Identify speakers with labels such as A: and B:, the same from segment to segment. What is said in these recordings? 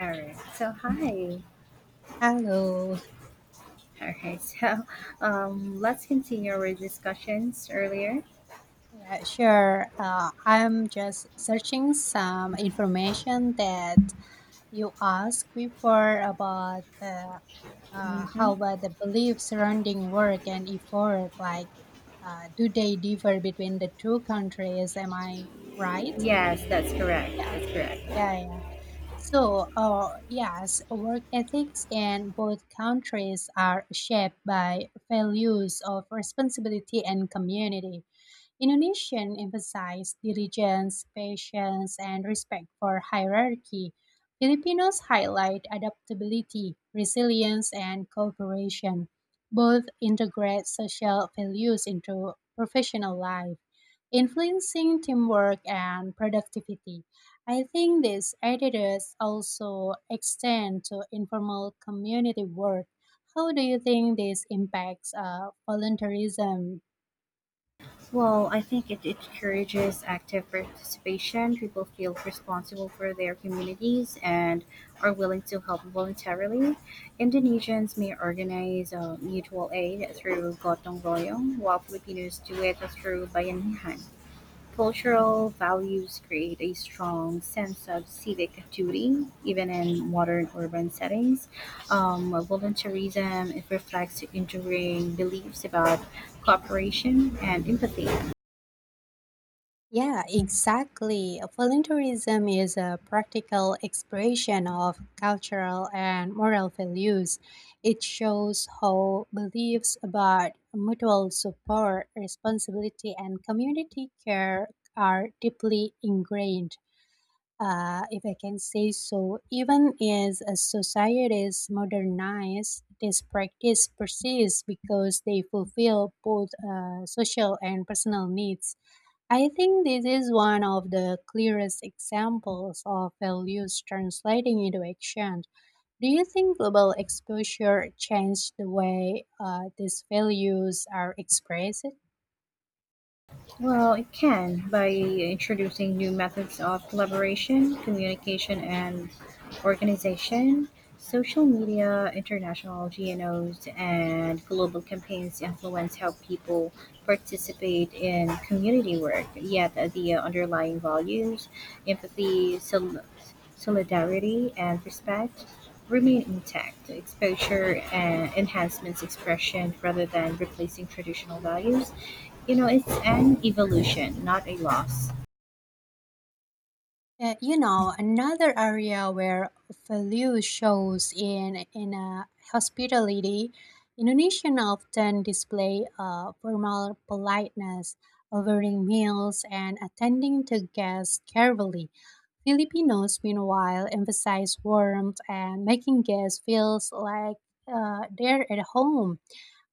A: All right. So hi.
B: Hello.
A: All right. So let's continue our discussions earlier.
B: Yeah, sure. I'm just searching some information that you asked before about how
A: Mm-hmm.
B: about the beliefs surrounding work and effort. Like, do they differ between the two countries? Am I right?
A: Yes, that's correct.
B: Yeah,
A: That's correct.
B: yeah, yeah. So, yes, work ethics in both countries are shaped by values of responsibility and community. Indonesian emphasize diligence, patience, and respect for hierarchy. Filipinos highlight adaptability, resilience, and cooperation. Both integrate social values into professional life, influencing teamwork and productivity. I think these attitudes also extend to informal community work. How do you think this impacts volunteerism?
A: Well, I think it encourages active participation. People feel responsible for their communities and are willing to help voluntarily. Indonesians may organize mutual aid through gotong royong, while Filipinos do it through bayanihan. Cultural values create a strong sense of civic duty, even in modern urban settings. Volunteerism it reflects enduring beliefs about cooperation and empathy.
B: Yeah, exactly. Voluntarism is a practical expression of cultural and moral values. It shows how beliefs about mutual support, responsibility, and community care are deeply ingrained. If I can say so, even as a society is modernized, this practice persists because they fulfill both social and personal needs. I think this is one of the clearest examples of values translating into action. Do you think global exposure changed the way these values are expressed?
A: Well, it can by introducing new methods of collaboration, communication, and organization. Social media, international GNOs, and global campaigns influence how people participate in community work, yet the underlying values, empathy, solidarity, and respect remain intact. Exposure and enhancements expression rather than replacing traditional values. You know, it's an evolution, not a loss.
B: Another area where value shows in a hospitality, Indonesian often display a formal politeness, offering meals and attending to guests carefully. Filipinos, meanwhile, emphasize warmth and making guests feel like they're at home,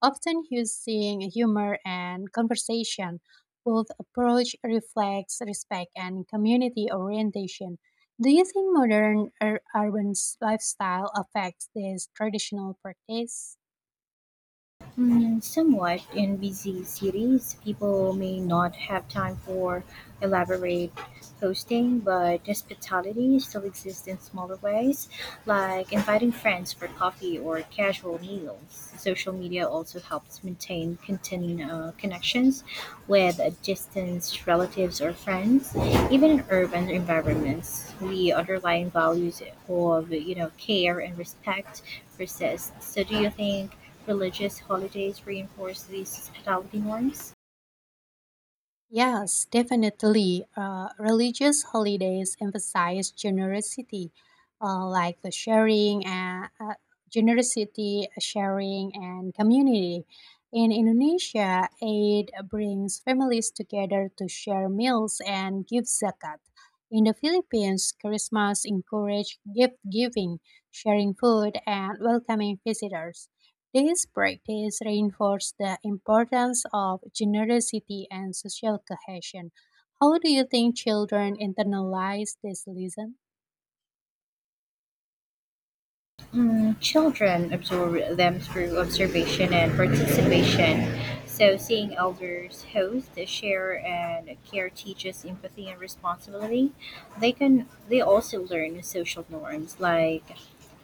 B: often using humor and conversation. Both approach reflects respect and community orientation. Do you think modern urban lifestyle affects this traditional practice?
A: Mm, somewhat in busy cities, people may not have time for elaborate hosting, but hospitality still exists in smaller ways, like inviting friends for coffee or casual meals. Social media also helps maintain connections with distant relatives or friends. Even in urban environments, the underlying values of care and respect persists. So do you think religious holidays reinforce these hospitality norms?
B: Yes, definitely. Religious holidays emphasize generosity, like the sharing and generosity, sharing, and community. In Indonesia, Eid brings families together to share meals and give zakat. In the Philippines, Christmas encourages gift giving, sharing food, and welcoming visitors. This practice reinforces the importance of generosity and social cohesion. How do you think children internalize this lesson?
A: Mm, children absorb them through observation and participation. So, seeing elders host, share, and care teaches empathy and responsibility. They also learn social norms like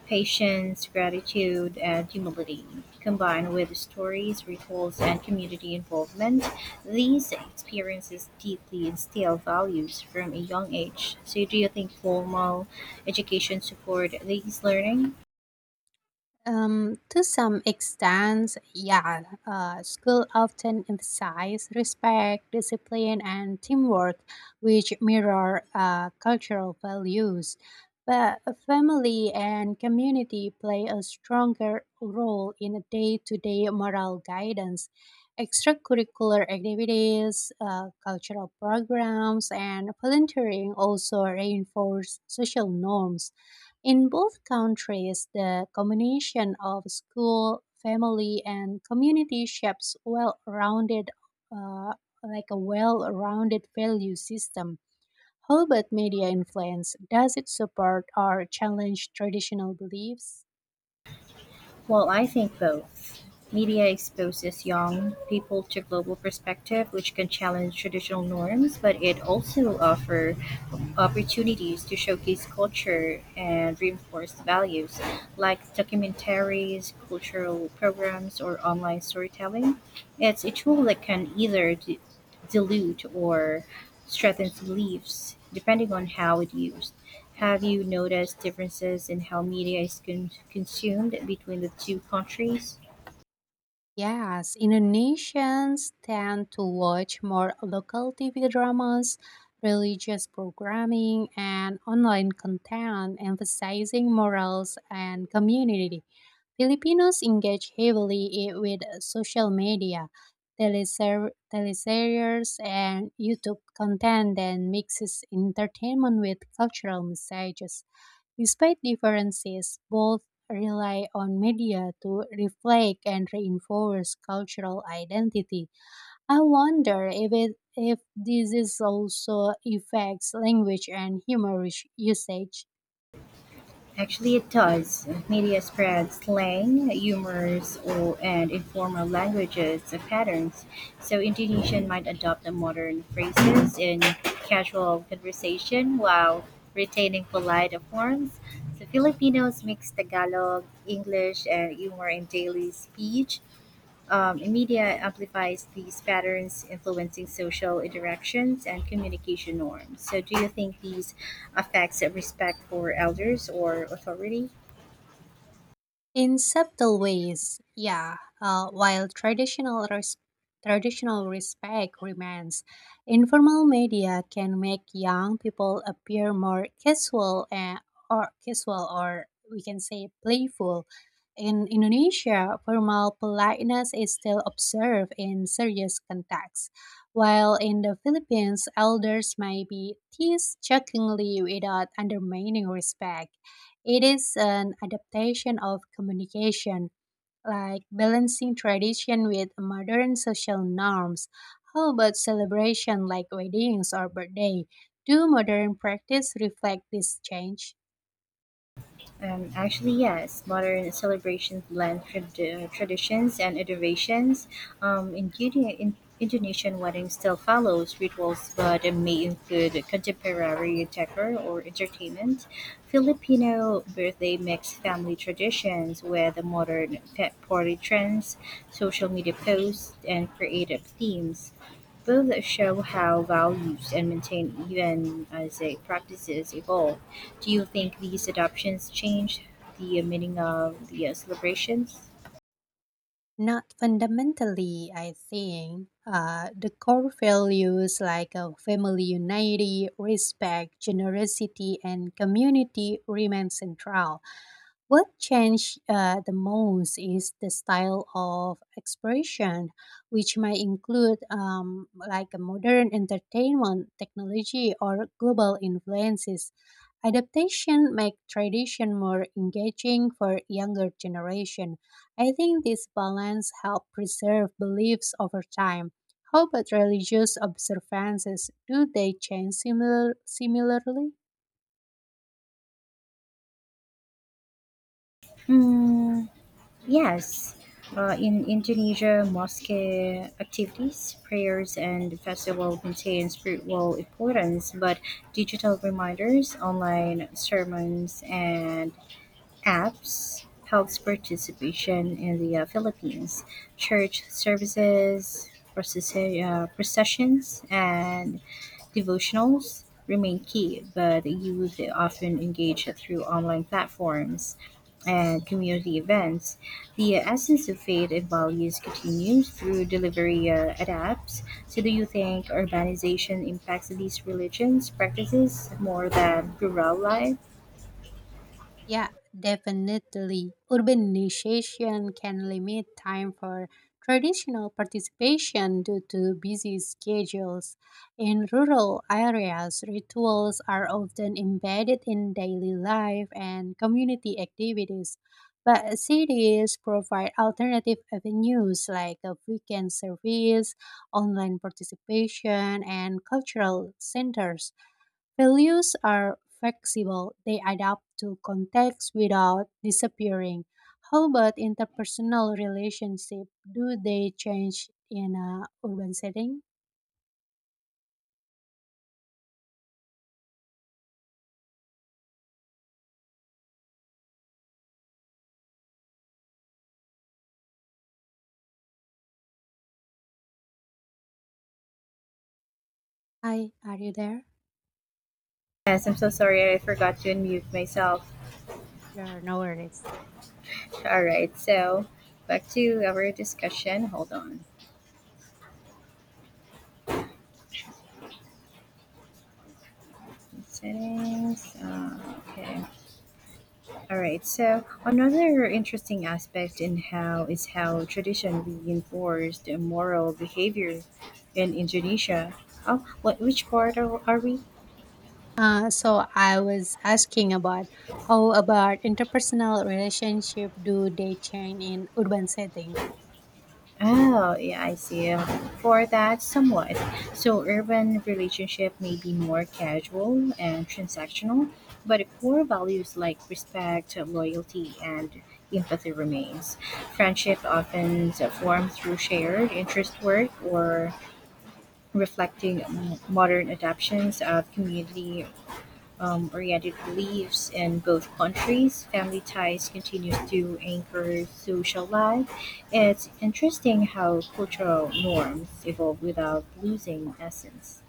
A: patience, gratitude, and humility. Combined with stories, rituals, and community involvement, these experiences deeply instill values from a young age. So, do you think formal education support these learning?
B: To some extent, yeah, school often emphasize respect, discipline, and teamwork, which mirror cultural values. But family and community play a stronger role in day to day moral guidance. Extracurricular activities, cultural programs, and volunteering also reinforce social norms in both countries. The combination of school, family, and community shapes well-rounded, uh, like a well-rounded value system. How about media influence? Does it support or challenge traditional beliefs?
A: Well, I think both. Media exposes young people to global perspective, which can challenge traditional norms, but it also offer opportunities to showcase culture and reinforce values, like documentaries, cultural programs, or online storytelling. It's a tool that can either dilute or strengthens beliefs, depending on how it's used. Have you noticed differences in how media is consumed between the two countries?
B: Yes, Indonesians tend to watch more local TV dramas, religious programming, and online content emphasizing morals and community. Filipinos engage heavily with social media, teleseries, and YouTube content that mixes entertainment with cultural messages. Despite differences, both rely on media to reflect and reinforce cultural identity. I wonder if this is also affects language and humor usage.
A: Actually, it does. Media spreads slang, humors, or, and informal languages patterns. So, Indonesian might adopt the modern phrases in casual conversation while retaining polite forms. So, Filipinos mix Tagalog, English, and humor in daily speech. Media amplifies these patterns, influencing social interactions and communication norms. So, do you think these affects respect for elders or authority?
B: In subtle ways, yeah. While traditional respect remains, informal media can make young people appear more casual or casual or we can say playful. In Indonesia, formal politeness is still observed in serious contexts, while in the Philippines, elders may be teased jokingly without undermining respect. It is an adaptation of communication, like balancing tradition with modern social norms. How about celebration like weddings or birthday? Do modern practice reflect this change?
A: Actually, yes. Modern celebrations blend traditions and innovations. In Indonesian weddings still follows rituals, but it may include contemporary decor or entertainment. Filipino birthday mix family traditions with the modern pet party trends, social media posts, and creative themes. Both show how values and maintain even as a practices evolve. Do you think these adoptions changed the meaning of the celebrations?
B: Not fundamentally, I think. The core values like family unity, respect, generosity, and community remain central. What changed the most is the style of expression, which might include like a modern entertainment technology or global influences. Adaptation make tradition more engaging for younger generation. I think this balance help preserve beliefs over time. How about religious observances? Do they change similarly?
A: Mm, yes. In Indonesia, mosque activities, prayers, and festival maintain spiritual importance, but digital reminders, online sermons, and apps helps participation in the Philippines church services, processions, and devotionals remain key, but youth often engage through online platforms and community events. The essence of faith and values continues through delivery adapts. So, do you think urbanization impacts these religions practices more than rural life?
B: Yeah, definitely. Urbanization can limit time for traditional participation due to busy schedules. In rural areas, rituals are often embedded in daily life and community activities. But cities provide alternative avenues like a weekend service, online participation, and cultural centers. Values are flexible, they adapt to context without disappearing. How about interpersonal relationship? Do they change in a urban setting? Hi, are you there?
A: Yes, I'm so sorry I forgot to unmute myself.
B: Sure, no worries.
A: All right, so back to our discussion. Hold on. Settings. Okay. All right. So another interesting aspect in how is how tradition reinforced moral behavior in Indonesia. Oh, what? Which part are we?
B: So I was asking about how about interpersonal relationship, do they change in urban setting?
A: Oh, yeah, I see. For that, somewhat. So, urban relationship may be more casual and transactional, but the core values like respect, loyalty, and empathy remains. Friendship often forms through shared interest work or reflecting modern adaptations of community oriented beliefs in both countries. Family ties continue to anchor social life. It's interesting how cultural norms evolve without losing essence.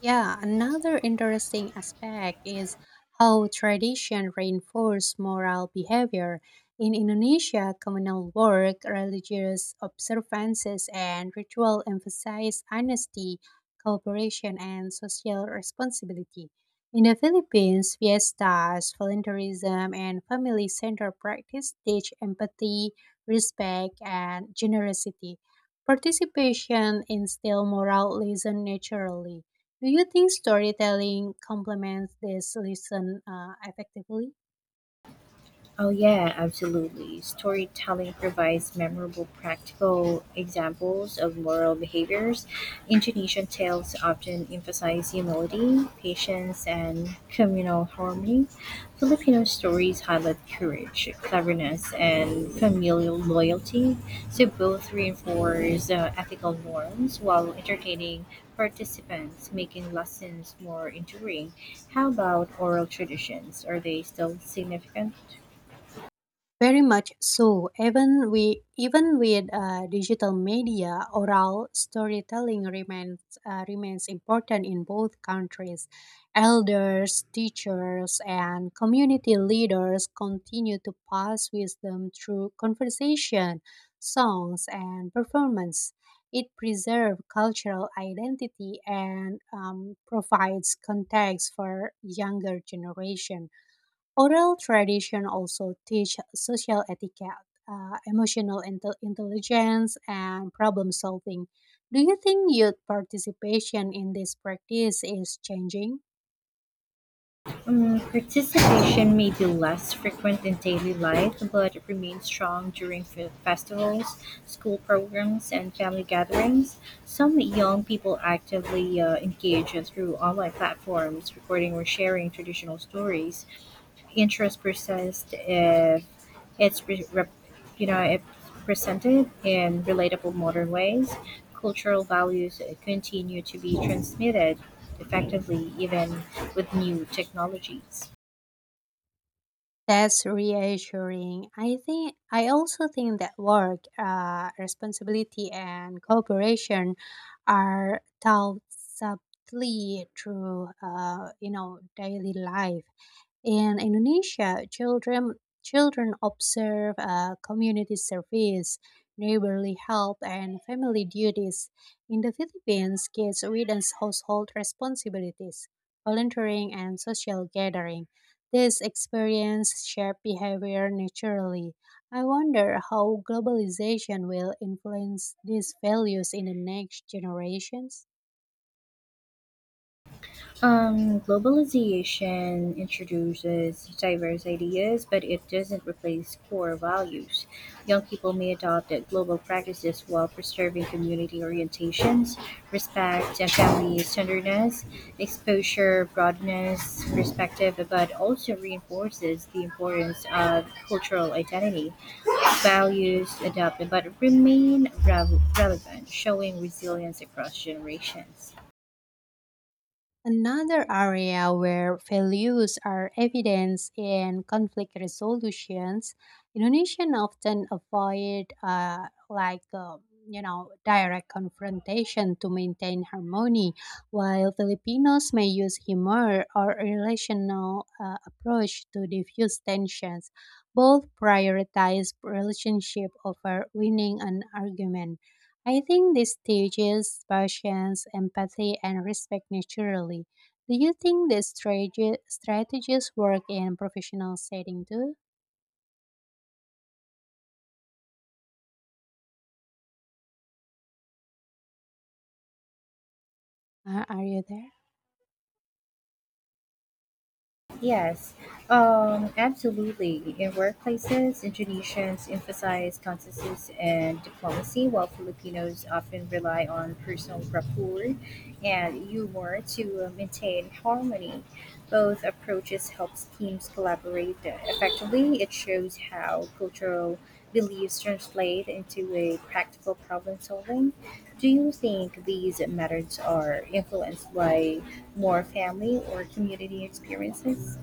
B: Yeah, another interesting aspect is how tradition reinforces moral behavior. In Indonesia, communal work, religious observances, and ritual emphasize honesty, cooperation, and social responsibility. In the Philippines, fiestas, volunteerism, and family centered practice teach empathy, respect, and generosity. Participation instills moral lessons naturally. Do you think storytelling complements this listen effectively?
A: Oh, yeah, absolutely. Storytelling provides memorable practical examples of moral behaviors. Indonesian tales often emphasize humility, patience, and communal harmony. Filipino stories highlight courage, cleverness, and familial loyalty. So both reinforce ethical norms while entertaining participants, making lessons more enduring. How about oral traditions? Are they still significant?
B: Very much so. Even with digital media, oral storytelling remains important in both countries. Elders, teachers, and community leaders continue to pass wisdom through conversation, songs, and performance. It preserves cultural identity and provides context for younger generation. Oral tradition also teach social etiquette, emotional intelligence, and problem solving. Do you think youth participation in this practice is changing?
A: Participation may be less frequent in daily life, but it remains strong during festivals, school programs, and family gatherings. Some young people actively engage through online platforms, recording or sharing traditional stories interest persists if it's re- rep- you know if presented in relatable modern ways cultural values continue to be transmitted effectively even with new technologies.
B: That's reassuring. I also think that work, responsibility, and cooperation are taught subtly through, daily life. In Indonesia, children observe community service, neighborly help, and family duties. In the Philippines, kids witness household responsibilities, volunteering, and social gathering. These experience shape behavior naturally. I wonder how globalization will influence these values in the next generations.
A: Globalization introduces diverse ideas, but it doesn't replace core values. Young people may adopt global practices while preserving community orientations, respect, and family tenderness. Exposure broadens perspective, but also reinforces the importance of cultural identity. Values adopted but remain relevant, showing resilience across generations.
B: Another area where values are evidence in conflict resolutions, Indonesians often avoid like direct confrontation to maintain harmony, while Filipinos may use humor or relational approach to diffuse tensions. Both prioritize relationship over winning an argument. I think these teaches patience, empathy, and respect naturally. Do you think these strategies work in professional setting too? Are you there?
A: Yes, absolutely. In workplaces, Indonesians emphasize consensus and diplomacy, while Filipinos often rely on personal rapport and humor to maintain harmony. Both approaches helps teams collaborate effectively. It shows how cultural beliefs translate into a practical problem solving. Do you think these methods are influenced by more family or community experiences?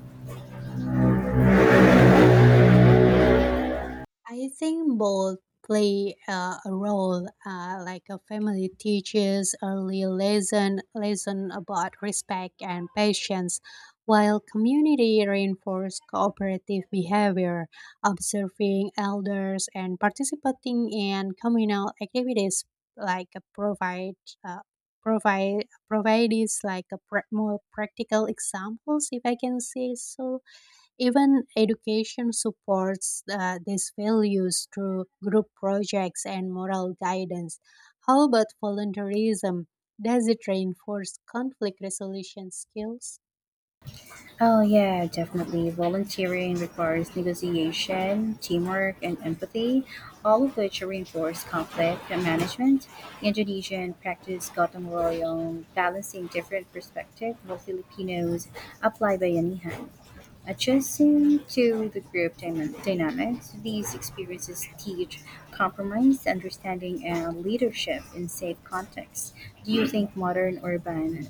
B: I think both play a role. Like a family teaches early lesson about respect and patience, while community reinforces cooperative behavior, observing elders and participating in communal activities like provide. Uh, provide is like a more practical examples, if I can say so. Even education supports these values through group projects and moral guidance. How about volunteerism? Does it reinforce conflict resolution skills?
A: Oh, yeah, definitely. Volunteering requires negotiation, teamwork, and empathy, all of which reinforce conflict management. Indonesian practice gotong royong, balancing different perspectives, while Filipinos apply bayanihan. Adjusting to the group dynamics, these experiences teach compromise, understanding, and leadership in safe contexts. Do you think modern urban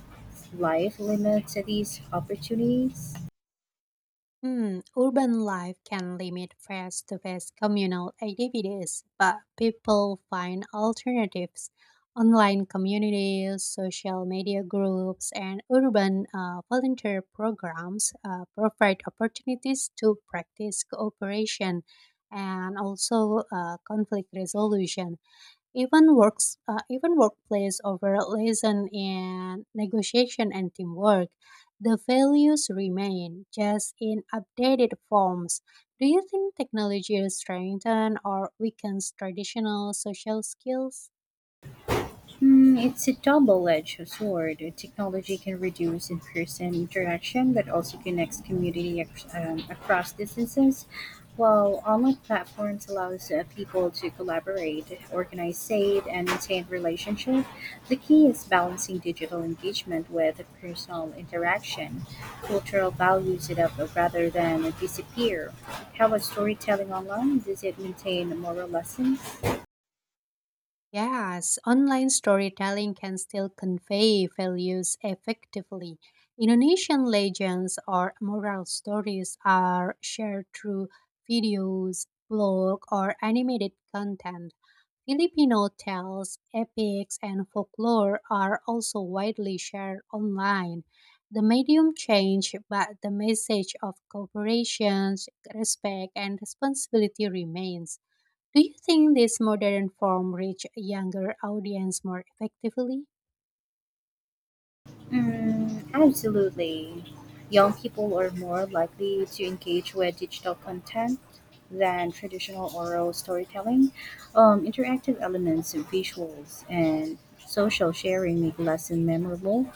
A: life limits these opportunities?
B: Urban life can limit face-to-face communal activities, but people find alternatives. Online communities, social media groups, and urban volunteer programs provide opportunities to practice cooperation and also conflict resolution. Even workplace overall lesson in negotiation and teamwork, the values remain just in updated forms. Do you think technology strengthens or weakens traditional social skills?
A: Hmm, it's a double-edged sword. Technology can reduce in-person interaction, but also connects community across distances, while online platforms allows people to collaborate, organize, save, and maintain relationships. The key is balancing digital engagement with personal interaction. Cultural values it up rather than disappear. How about storytelling online? Does it maintain moral lessons?
B: Yes, online storytelling can still convey values effectively. Indonesian legends or moral stories are shared through videos, blog, or animated content. Filipino tales, epics, and folklore are also widely shared online. The medium changed, but the message of cooperation, respect, and responsibility remains. Do you think this modern form reach a younger audience more effectively?
A: Mm, absolutely. Young people are more likely to engage with digital content than traditional oral storytelling. Interactive elements, visuals, and social sharing make lessons memorable.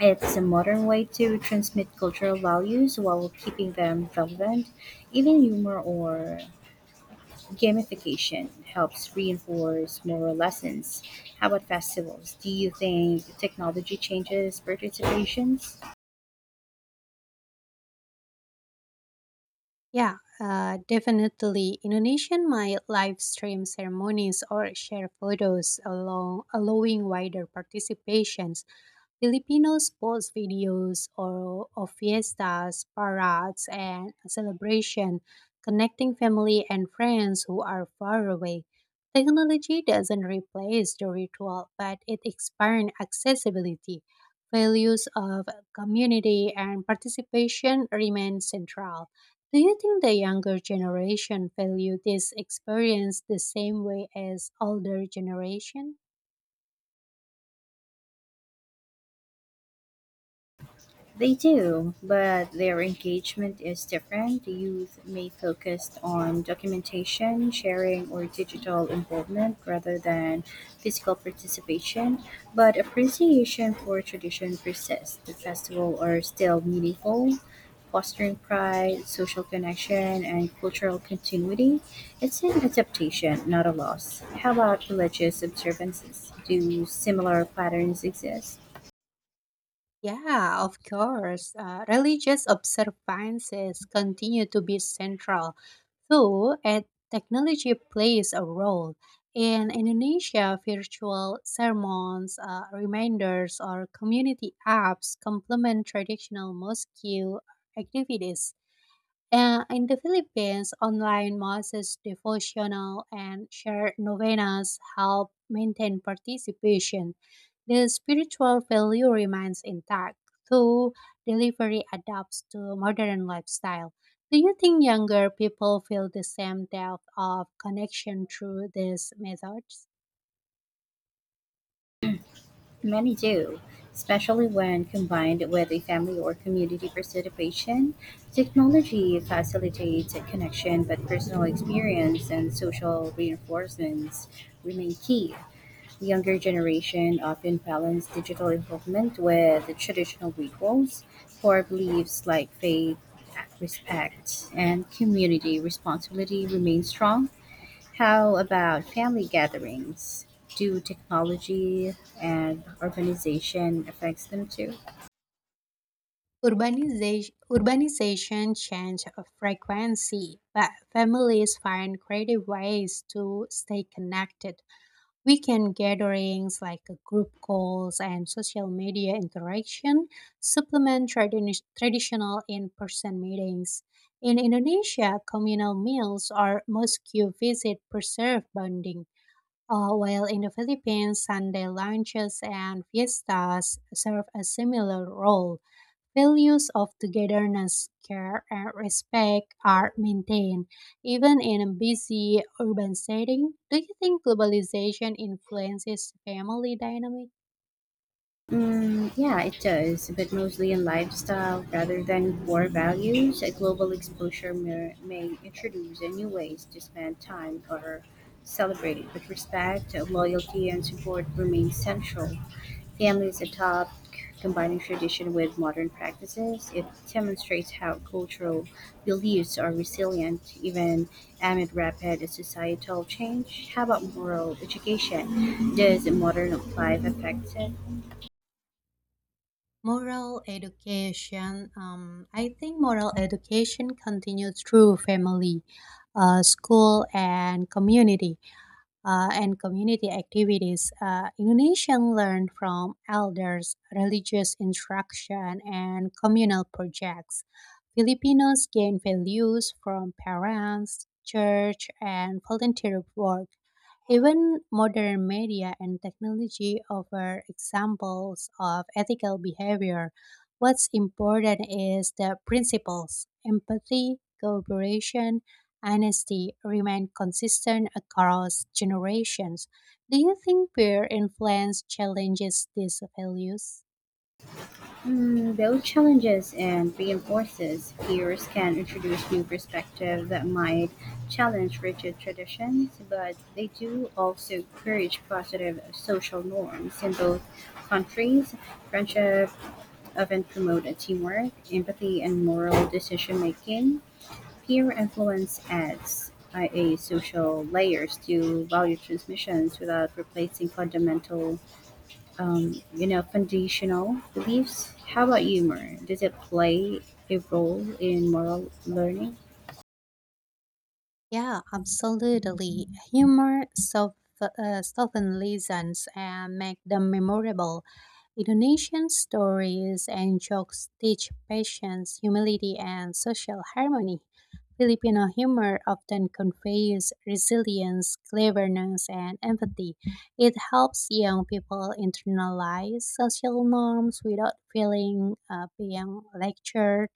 A: It's a modern way to transmit cultural values while keeping them relevant. Even humor or gamification helps reinforce moral lessons. How about festivals? Do you think technology changes participations?
B: Yeah, definitely. Indonesian might live stream ceremonies or share photos along allowing wider participation. Filipinos post videos or of fiestas, parades, and celebration, connecting family and friends who are far away. Technology doesn't replace the ritual, but it expands accessibility. Values of community and participation remain central. Do you think the younger generation value this experience the same way as older generation?
A: They do, but their engagement is different. The youth may focus on documentation, sharing, or digital involvement rather than physical participation, but appreciation for tradition persists. The festivals are still meaningful, fostering pride, social connection, and cultural continuity. It's an adaptation, not a loss. How about religious observances? Do similar patterns exist?
B: Yeah, of course. Religious observances continue to be central, though and technology plays a role. In Indonesia, virtual sermons, reminders, or community apps complement traditional mosque activities. In the Philippines, online masses, devotional, and shared novenas help maintain participation. The spiritual value remains intact, though delivery adapts to modern lifestyle. Do you think younger people feel the same depth of connection through these methods?
A: Many do, especially when combined with a family or community participation. Technology facilitates a connection, but personal experience and social reinforcements remain key. The younger generation often balance digital involvement with the traditional rituals, core beliefs like faith, respect, and community responsibility remain strong. How about family gatherings? Do technology and urbanization affects them too?
B: Urbanization changed frequency, but families find creative ways to stay connected. Weekend gatherings like group calls and social media interaction supplement traditional in-person meetings. In Indonesia, communal meals or mosque visit preserve bonding, while in the Philippines, Sunday lunches and fiestas serve a similar role. Values of togetherness, care, and respect are maintained, even in a busy urban setting. Do you think globalization influences family dynamic?
A: Mm, yeah, it does, but mostly in lifestyle rather than core values. A global exposure may introduce a new ways to spend time or celebrate, but respect, loyalty, and support remain central. Families adopt, combining tradition with modern practices. It demonstrates how cultural beliefs are resilient even amid rapid societal change. How about moral education? Does modern life affect it?
B: Moral education. I think moral education continues through family, school, and community, and community activities. Indonesians learn from elders, religious instruction, and communal projects. Filipinos gain values from parents, church, and volunteer work. Even modern media and technology offer examples of ethical behavior. What's important is the principles empathy, cooperation, honesty remain consistent across generations. Do you think peer influence challenges these values?
A: Mm, both challenges and reinforces. Peers can introduce new perspectives that might challenge rigid traditions, but they do also encourage positive social norms. In both countries, friendship often promote a teamwork, empathy, and moral decision making. Peer influence adds a social layers to value transmissions without replacing fundamental foundational beliefs. How about humor? Does it play a role in moral learning?
B: Yeah, absolutely. Humor soften lessons and make them memorable. Indonesian stories and jokes teach patience, humility, and social harmony. Filipino humor often conveys resilience, cleverness, and empathy. It helps young people internalize social norms without feeling being lectured,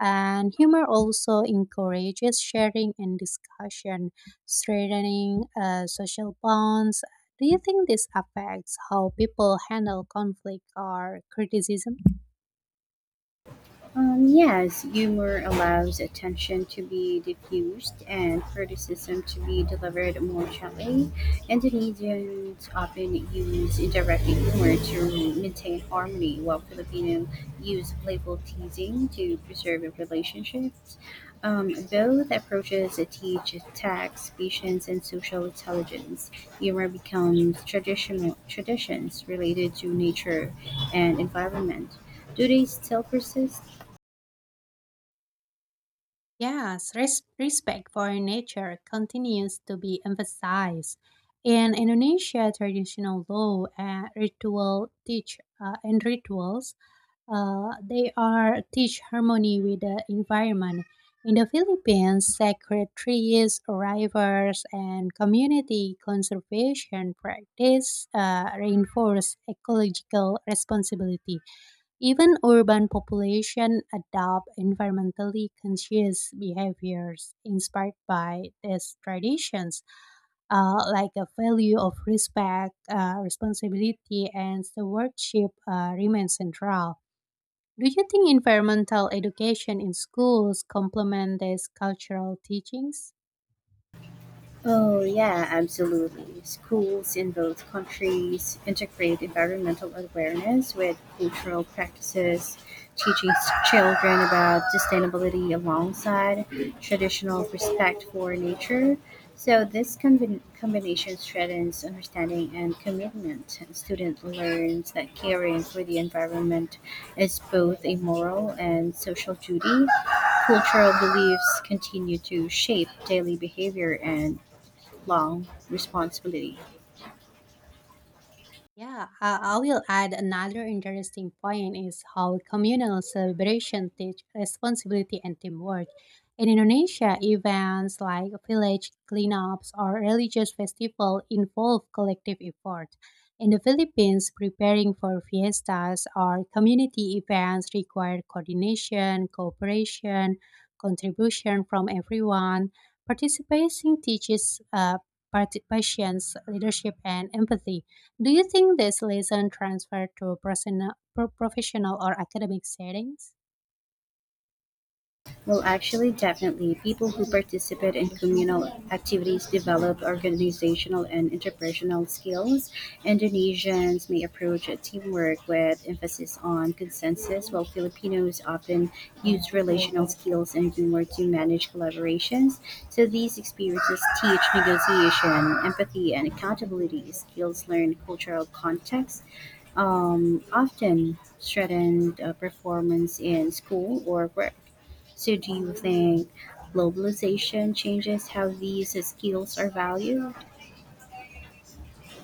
B: and humor also encourages sharing and discussion, strengthening social bonds. Do you think this affects how people handle conflict or criticism?
A: Yes, humor allows attention to be diffused and criticism to be delivered more gently. Indonesians often use indirect humor to maintain harmony, while Filipinos use playful teasing to preserve relationships. Both approaches teach tact, patience, and social intelligence. Humor becomes traditional traditions related to nature and environment. Do they still persist?
B: Yes, respect for nature continues to be emphasized. In Indonesia, traditional law and ritual teach and rituals. They are teach harmony with the environment. In the Philippines, sacred trees, rivers, and community conservation practice reinforce ecological responsibility. Even urban population adopt environmentally conscious behaviors inspired by these traditions, like a value of respect, responsibility, and stewardship remain central. Do you think environmental education in schools complement these cultural teachings?
A: Oh, yeah, absolutely. Schools in both countries integrate environmental awareness with cultural practices, teaching children about sustainability alongside traditional respect for nature. So, this combination strengthens understanding and commitment. A student learns that caring for the environment is both a moral and social duty cultural beliefs continue to shape daily behavior and lifelong responsibility.
B: Yeah, I will add another interesting point is how communal celebration teach responsibility and teamwork. In Indonesia, events like village cleanups or religious festival involve collective effort. In the Philippines, preparing for fiestas or community events require coordination, cooperation, contribution from everyone. Participating teaches patience, leadership, and empathy. Do you think this lesson transferred to personal, professional or academic settings?
A: Well, actually, definitely. People who participate in communal activities develop organizational and interpersonal skills. Indonesians may approach teamwork with emphasis on consensus, while Filipinos often use relational skills and humor to manage collaborations. So these experiences teach negotiation, empathy, and accountability skills learned cultural context often strengthened performance in school or work. So, do you think globalization changes how these skills are valued?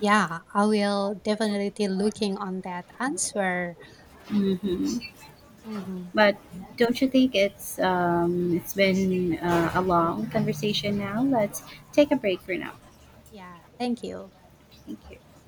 B: Yeah, I will definitely looking on that answer.
A: Hmm.
B: Mhm.
A: But don't you think it's been a long conversation now? Let's take a break for now.
B: Yeah, thank you.
A: Thank you.